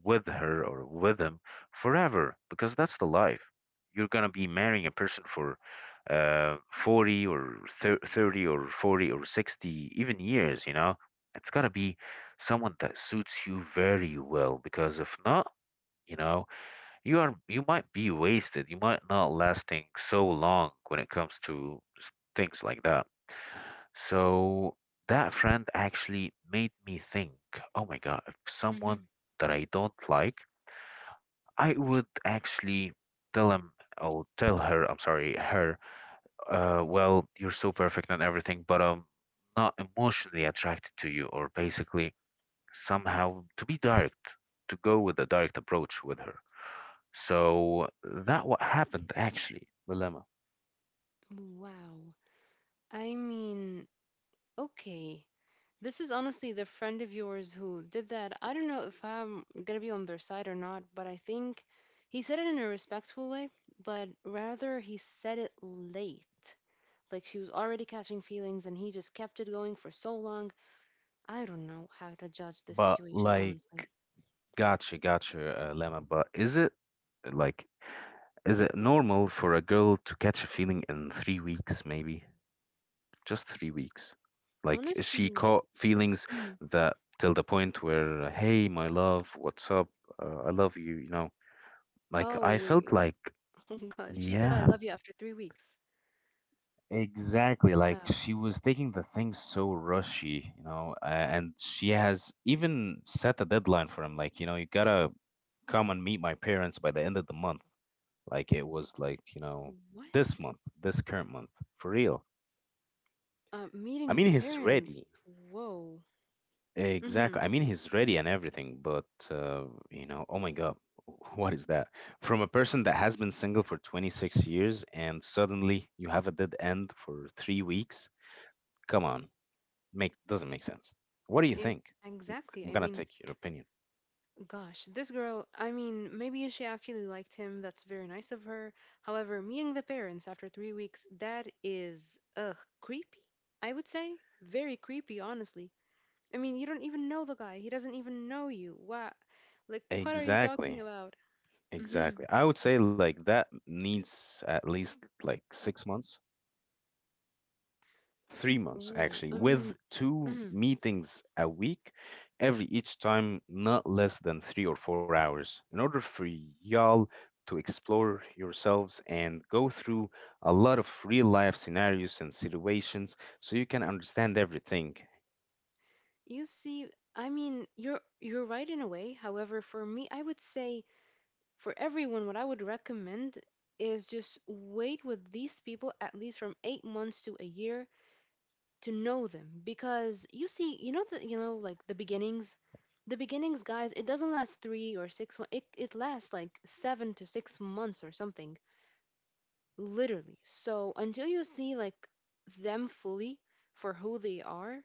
A: with her or with him forever because that's the life you're going to be marrying a person for 40 or 30 or 40 or 60 even years, you know. It's got to be someone that suits you very well because, if not, you know, you might be wasted. You might not lasting so long when it comes to things like that, so that friend actually made me think, oh my God, if someone
B: mhm.
A: that I don't like, I would actually tell him or tell her, I'm sorry, her, well, you're so perfect and everything, but I'm not emotionally attracted to you, or basically somehow to be direct, to go with a direct approach with her. So that what happened actually, dilemma.
B: Wow. I mean, okay. This is honestly the friend of yours who did that. I don't know if I'm gonna be on their side or not, but I think he said it in a respectful way, but rather he said it late. Like she was already catching feelings and he just kept it going for so long. I don't know how to judge this
A: But
B: situation,
A: like,
B: honestly.
A: gotcha, gotcha, Lama. But is it like, is it normal for a girl to catch a feeling in 3 weeks, maybe? Just 3 weeks. Like, is she
B: Honestly.
A: caught feelings
B: Mm.
A: that till the point where, hey, my love, what's up? I love you, you know? Like,
B: Oh,
A: I
B: wait.
A: felt like,
B: *laughs* Oh, gosh. She said, I love
A: yeah,
B: you after 3 weeks.
A: exactly,
B: Uh,
A: like she was taking the things so rushy, you know, and she has even set a deadline for him. Like, you know, you gotta come and meet my parents by the end of the month. Like, it was like, you know,
B: what?
A: this month, this current month, for real. I
B: Meeting the
A: mean, he's
B: parents.
A: ready.
B: Whoa. Mm-hmm.
A: Exactly. I mean, he's ready and everything, but, uh, you know, oh my God, *laughs* what is that? From a person that has been single for 26 years and suddenly you have a dead end for 3 weeks? Come on. Makes doesn't make sense. What do you think?
B: Exactly.
A: I'm
B: I
A: gonna
B: mean,
A: take your opinion.
B: gosh, this girl, I mean, maybe she actually liked him. That's very nice of her. However, meeting the parents after 3 weeks, that is, ugh, creepy, I would say. Very creepy, honestly. I mean, you don't even know the guy. He doesn't even know you. What? Like, what are you talking
A: Exactly.
B: about? Mm-hmm.
A: Exactly. I would say like that needs at least like 6 months, 3 months
B: Oh,
A: actually,
B: I mean,
A: with two
B: mm-hmm.
A: meetings a week, every each time not less than 3 or 4 hours, in order for y'all to explore yourselves and go through a lot of real life scenarios and situations so you can understand everything.
B: You see, I mean, you're right in a way. However, for me, I would say for everyone, what I would recommend is just wait with these people at least from 8 months to a year to know them because you know like the beginnings. The beginnings, guys, it doesn't last three or six. It lasts like 7 to 6 months or something, literally. So until you see like them fully for who they are,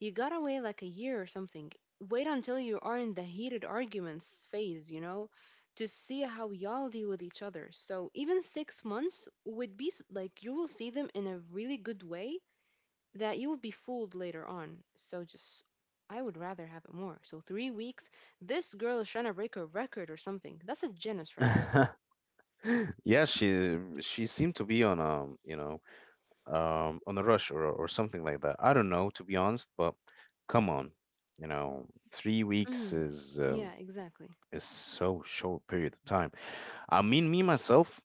B: you got away like a year or something. Wait until you are in the heated arguments phase, you know, to see how y'all deal with each other. So even 6 months would be like you will see them in a really good way that you will be fooled later on. So just, I would rather have it more. So 3 weeks, this girl is trying to break a record or something. That's a Guinness record.
A: *laughs* Yeah, she seemed to be on a rush or something like that. I don't know, to be honest, but come on, you know, 3 weeks
B: Hmm.
A: is um,
B: Yeah, exactly.
A: is so short period of time. I mean, me myself,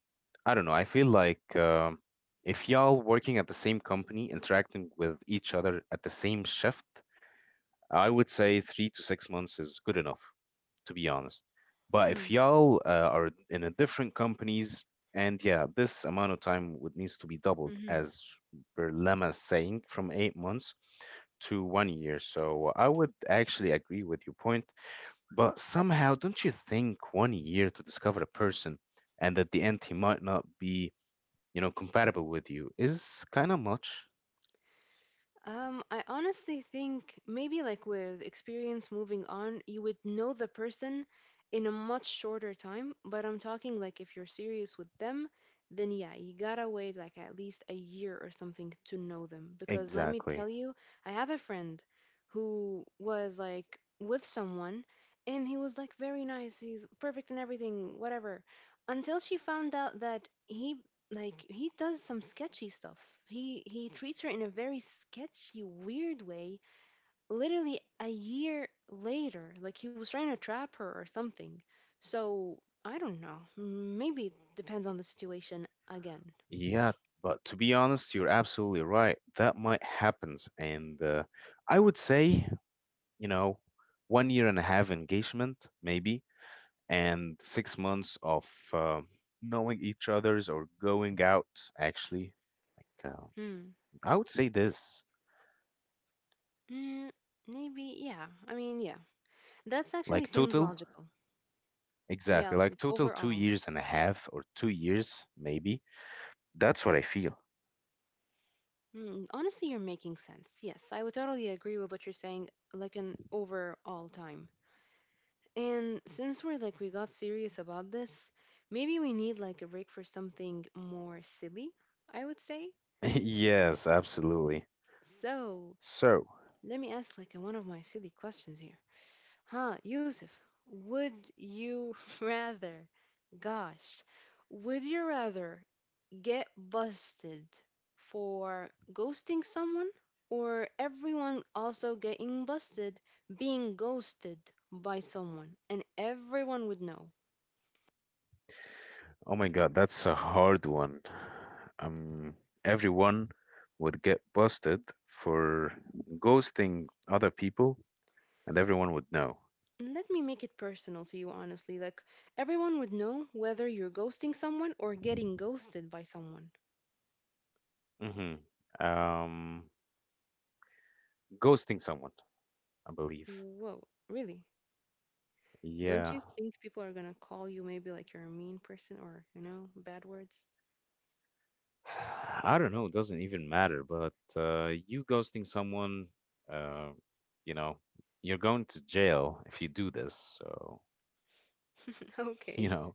A: I don't know. I feel like if y'all working at the same company, interacting with each other at the same shift, I would say 3 to 6 months is good enough, to be honest. But if
B: Hmm.
A: y'all are in a different companies, and yeah, this amount of time would needs to be doubled,
B: mhm.
A: as per Lema's saying, from 8 months to one year. So I would actually agree with your point, but somehow, don't you think one year to discover a person and at the end he might not be, you know, compatible with you is kind of much?
B: I honestly think maybe like with experience moving on, you would know the person in a much shorter time. But I'm talking like if you're serious with them, then yeah, you gotta wait like at least a year or something to know them. Because let me
A: Exactly.
B: tell you, I have a friend who was like with someone and he was like very nice, he's perfect in everything, whatever. Until she found out that he like he does some sketchy stuff. He treats her in a very sketchy, weird way. Literally a year later, like he was trying to trap her or something. So I don't know. Maybe it depends on the situation again.
A: Yeah, but to be honest, you're absolutely right. That might happens, and I would say, you know, one year and a half engagement, maybe, and 6 months of uh, knowing each other's or going out. Actually, like
B: Hmm.
A: I would say this,
B: Mm, maybe yeah. I mean yeah. That's actually
A: like
B: seems
A: total,
B: logical.
A: exactly,
B: Yeah,
A: like
B: like
A: total two
B: overall.
A: years and a half or 2 years, maybe. That's what I feel. *laughs*
B: Hmm, honestly, you're making sense. Yes, I would totally agree with what you're saying. Like an overall time. And since we got serious about this, maybe we need like a break for something more silly, I would say.
A: Yes, absolutely.
B: So,
A: So.
B: let me ask like one of my silly questions here. Huh, Yusuf, would you *laughs* rather, gosh, would you rather get busted for ghosting someone or everyone also getting busted being ghosted by someone and everyone would know?
A: Oh my God, that's a hard one. Um, Everyone would get busted for ghosting other people, and everyone would know.
B: Let me make it personal to you, honestly. Like, everyone would know whether you're ghosting someone or getting ghosted by someone.
A: hmm Um, Ghosting someone, I believe.
B: Whoa, really? Don't
A: Yeah.
B: you think people are gonna call you maybe like you're a mean person or, you know, bad words?
A: *sighs* I don't know. It doesn't even matter. But you ghosting someone, uh, you know, you're going to jail if you do this. So,
B: *laughs*
A: *laughs* you
B: Okay.
A: know,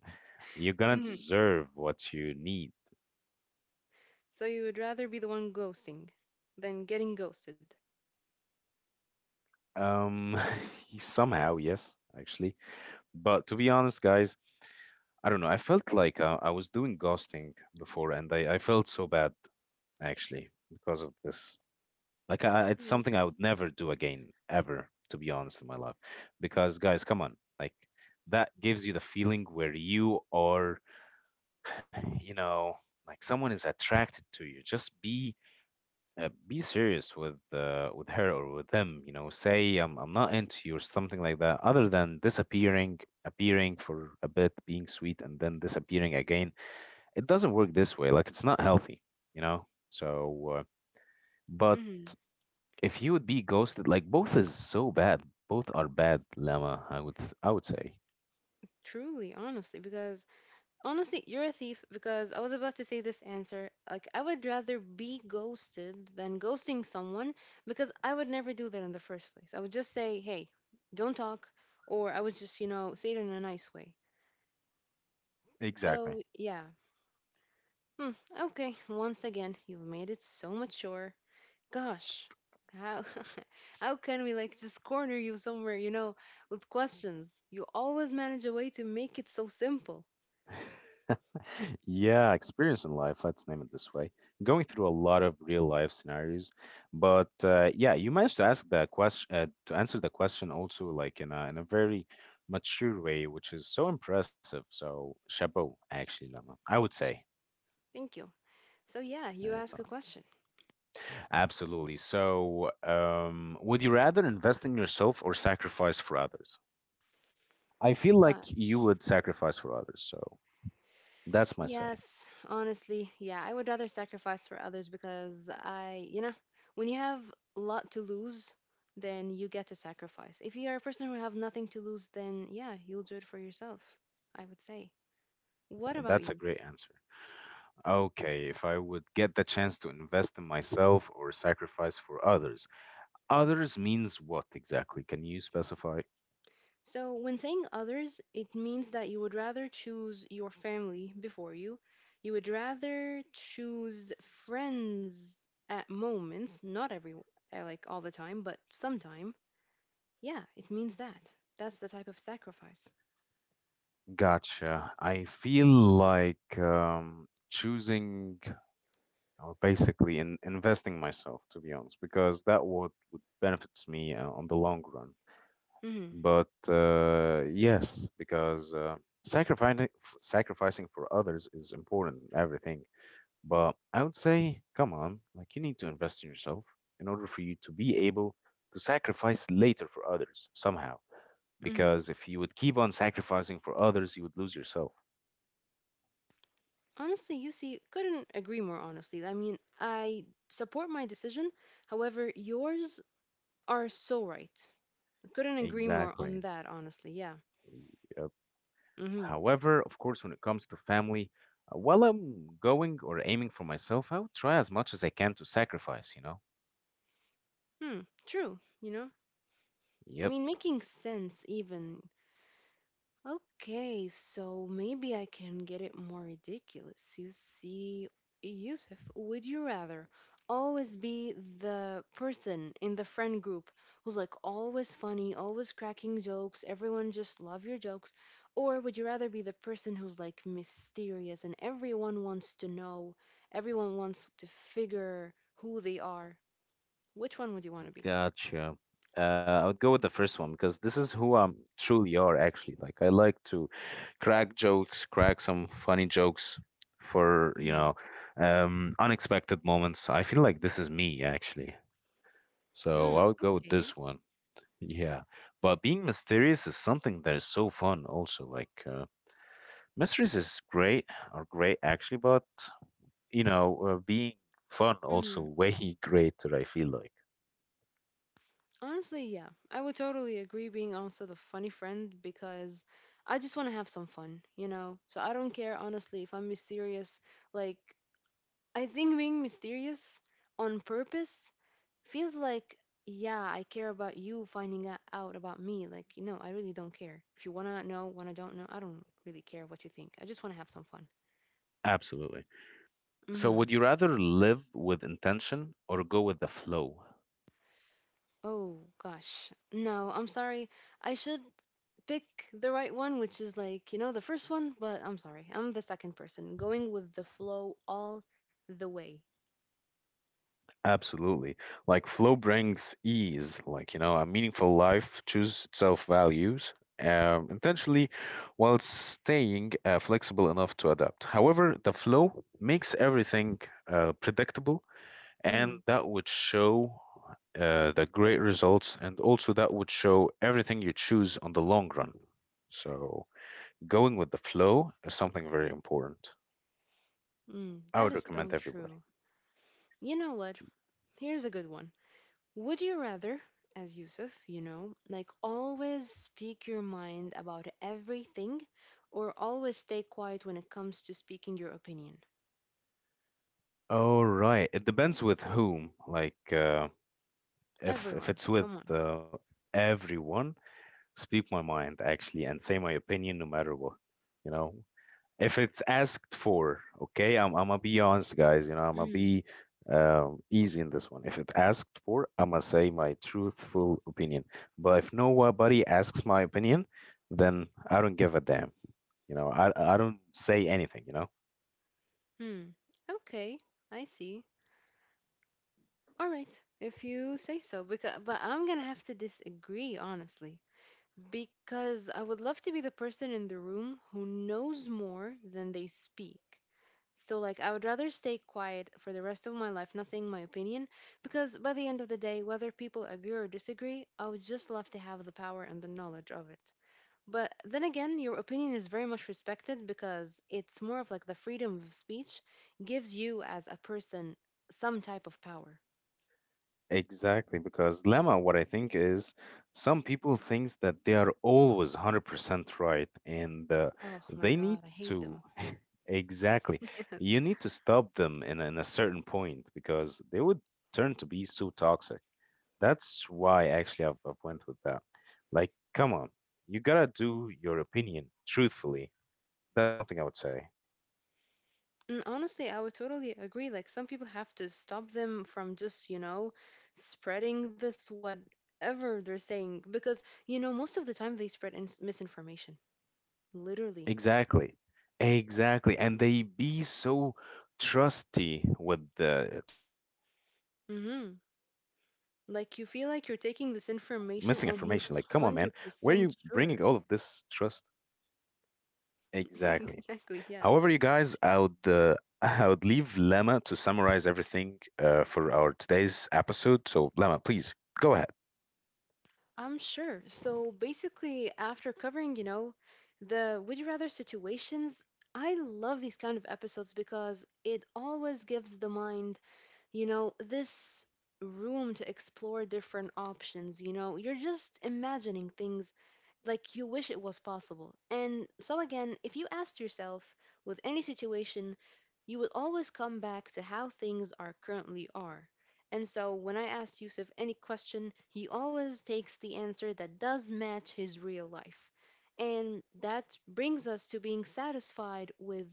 A: you're gonna
B: Hmm.
A: deserve what you need.
B: So you would rather be the one ghosting than getting ghosted?
A: Um, *laughs* somehow, yes, actually. But to be honest, guys, I don't know. I felt like I was doing ghosting before, and I felt so bad actually because of this. Like, it's something I would never do again, ever, to be honest, in my life. Because, guys, come on, like that gives you the feeling where you are, you know, like someone is attracted to you. Just be serious with her or with them, you know, say I'm not into you or something like that other than disappearing appearing for a bit, being sweet, and then disappearing again. It doesn't work this way, like it's not healthy, you know, so but
B: Mm-hmm.
A: if you would be ghosted, like both is so bad, both are bad, Lemma. I would say
B: Truly, honestly, because honestly, you're a thief because I was about to say this answer. Like, I would rather be ghosted than ghosting someone because I would never do that in the first place. I would just say, hey, don't talk, or I would just, you know, say it in a nice way.
A: exactly.
B: So, yeah. Hmm, okay, once again, you've made it so mature. Gosh, how *laughs* how can we like just corner you somewhere, you know, with questions? You always manage a way to make it so simple.
A: Yeah, experience in life, let's name it this way. Going through a lot of real life scenarios. But yeah, you managed to ask the question, to answer the question also like in a very mature way, which is so impressive. So, chapeau, actually, Lama, I would say.
B: Thank you. So yeah,
A: Yeah,
B: you
A: it's, uh,
B: ask a question.
A: Absolutely. So, would you rather invest in yourself or sacrifice for others? I feel like you
B: Gosh.
A: would sacrifice for others. So, that's my say.
B: Yes, honestly, yeah, I would rather sacrifice for others because I, you know, when you have a lot to lose, then you get to sacrifice. If you are a person who have nothing to lose, then yeah, you'll do it for yourself, I would say. What about
A: That's a
B: you?
A: great answer. Okay, if I would get the chance to invest in myself or sacrifice for others. Others means what exactly? Can you specify?
B: So, when saying others, it means that you would rather choose your family before you. You would rather choose friends at moments, not every, like all the time, but sometime. Yeah, it means that. That's the type of sacrifice.
A: Gotcha. I feel like choosing or basically investing myself, to be honest, because that would benefits me on the long run.
B: hmm
A: But yes, because sacrificing for others is important in everything. But I would say, come on, like you need to invest in yourself in order for you to be able to sacrifice later for others somehow.
B: hmm
A: Because if you would keep on sacrificing for others, you would lose yourself.
B: Honestly, you see, couldn't agree more honestly. I mean, I support my decision. However, yours are so right. Couldn't agree more on
A: Exactly.
B: that, honestly. Yeah.
A: Yep.
B: mm hmm
A: However, of course, when it comes to family, while I'm going or aiming for myself, I would try as much as I can to sacrifice, you know?
B: Hmm. True. You know, I
A: Yep.
B: mean, making sense even okay, so maybe I can get it more ridiculous. You see, Yusuf, would you rather always be the person in the friend group who's like always funny, always cracking jokes, everyone just love your jokes, or would you rather be the person who's like mysterious and everyone wants to know, everyone wants to figure who they are? Which one would you want to be?
A: Gotcha. I would go with the first one because this is who I'm truly are actually. Like I like to crack jokes, crack some funny jokes for, you
B: Mm.
A: know, unexpected moments. I feel like this is me actually.
B: Hmm.
A: So I would go with
B: Okay.
A: this one. Yeah. But being mysterious is something that is so fun also. Like mysteries is great are great actually, but you know, being fun also way *laughs* greater, I feel like.
B: Honestly, yeah, I would totally agree being also the funny friend because I just want to have some fun, you know? So I don't care, honestly, if I'm mysterious. Like, I think being mysterious on purpose feels like, yeah, I care about you finding out about me. Like, no, I really don't care. If you want to know, want to don't know, I don't really care what you think. I just want to have some fun.
A: Absolutely.
B: Mm
A: So,
B: hmm.
A: would you rather live with intention or go with the flow?
B: Oh, gosh. No, I'm sorry. I should pick the right one, which is like, you know, the first one, but I'm sorry, I'm the second person, going with the flow all the way.
A: Absolutely. Like flow brings ease, like, you know, a meaningful life chooses itself values intentionally while staying flexible enough to adapt. However, the flow makes everything predictable, and
B: Mm,
A: that would show the great results and also that would show everything you choose on the long run. So going with the flow is something very important.
B: mm,
A: I
B: that
A: would
B: is so
A: recommend everybody.
B: true. You know what? Here's a good one. Would you rather, as Yusuf, you know, like always speak your mind about everything or always stay quiet when it comes to speaking your opinion?
A: All right. It depends with whom. Like, if if
B: Everyone,
A: it's with
B: come on.
A: uh, everyone, speak my mind actually and say my opinion no matter what. You know, if it's asked for, okay, I'm gonna be honest, guys, you know, I'm gonna
B: Mm,
A: be easy in this one. If it asked for, I'm gonna say my truthful opinion, but if nobody asks my opinion, then I don't give a damn, you know, I don't say anything. You know.
B: mm. Okay, I see. All right, if you say so. Because, but I'm gonna have to disagree, honestly, because I would love to be the person in the room who knows more than they speak. So, like, I would rather stay quiet for the rest of my life, not saying my opinion, because by the end of the day, whether people agree or disagree, I would just love to have the power and the knowledge of it. But then again, your opinion is very much respected because it's more of like the freedom of speech gives you as a person some type of power.
A: Exactly, because Lemma, what I think is some people thinks that they are always 100% right, and
B: Oh my
A: they need
B: God, I hate
A: to
B: them.
A: *laughs* exactly.
B: *laughs* Yes.
A: You need to stop them in a certain point because they would turn to be so toxic. That's why actually I've went with that. Like, come on, you gotta do your opinion truthfully. That's something I would say.
B: And honestly, I would totally agree. Like, some people have to stop them from just, you know, spreading this whatever they're saying. Because, you know, most of the time they spread ins misinformation, literally.
A: Exactly. Exactly. And they be so trusty with the trusting with their, you
B: Mm-hmm.
A: know, missing information.
B: Like, you
A: Like, come
B: feel
A: on,
B: like you're
A: man,
B: taking this
A: where are you
B: information and
A: bringing all
B: he's
A: of this trust?
B: 100% sure.
A: Exactly.
B: *laughs*
A: However, you
B: Exactly,
A: guys, I
B: yes.
A: would *laughs* I would leave Lemma to summarize everything for our today's episode. So, Lemma, please go ahead.
B: I'm sure. So basically, after covering, you know, the would you rather situations, I love these kind of episodes because it always gives the mind, you know, this room to explore different options. You know, you're just imagining things like you wish it was possible. And so, again, if you asked yourself with any situation, you will always come back to how things are currently are. And so when I asked Yusuf any question, he always takes the answer that does match his real life. And that brings us to being satisfied with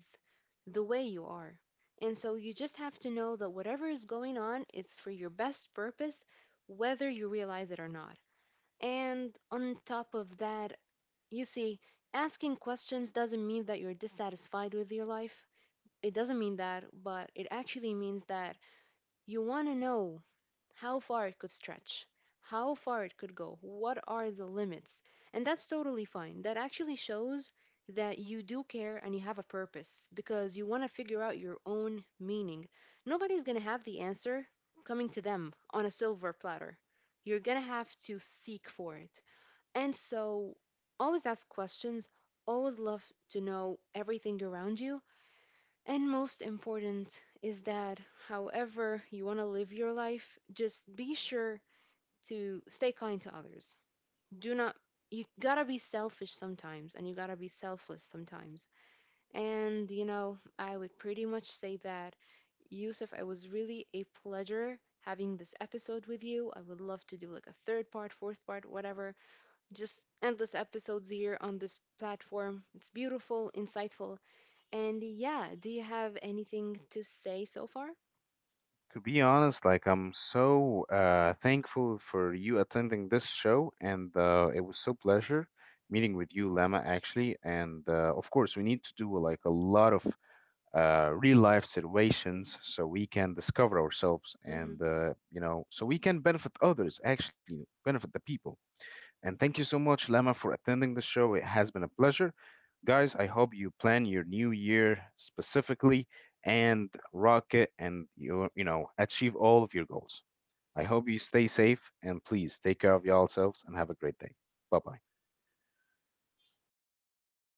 B: the way you are. And so you just have to know that whatever is going on, it's for your best purpose, whether you realize it or not. And on top of that, you see, asking questions doesn't mean that you're dissatisfied with your life. It doesn't mean that, but it actually means that you want to know how far it could stretch, how far it could go, what are the limits. And that's totally fine. That actually shows that you do care and you have a purpose because you want to figure out your own meaning. Nobody's going to have the answer coming to them on a silver platter. You're going to have to seek for it. And so always ask questions, always love to know everything around you, and most important is that however you want to live your life, just be sure to stay kind to others. Do not— you gotta be selfish sometimes and you gotta be selfless sometimes. And you know, I would pretty much say that, Yusuf, it was really a pleasure having this episode with you. I would love to do like a third part, fourth part, whatever, just endless episodes here on this platform. It's beautiful, insightful. And yeah, do you have anything to say so far?
A: To be honest, like I'm so thankful for you attending this show, and it was so pleasure meeting with you, Lama, actually. And of course, we need to do like a lot of real life situations so we can discover ourselves,
B: Mm-hmm.
A: and you know, so we can benefit others, actually benefit the people. And thank you so much, Lama, for attending the show. It has been a pleasure. Guys, I hope you plan your new year specifically and rock it and you know achieve all of your goals. I hope you stay safe and please take care of yourselves and have a great day. Bye bye.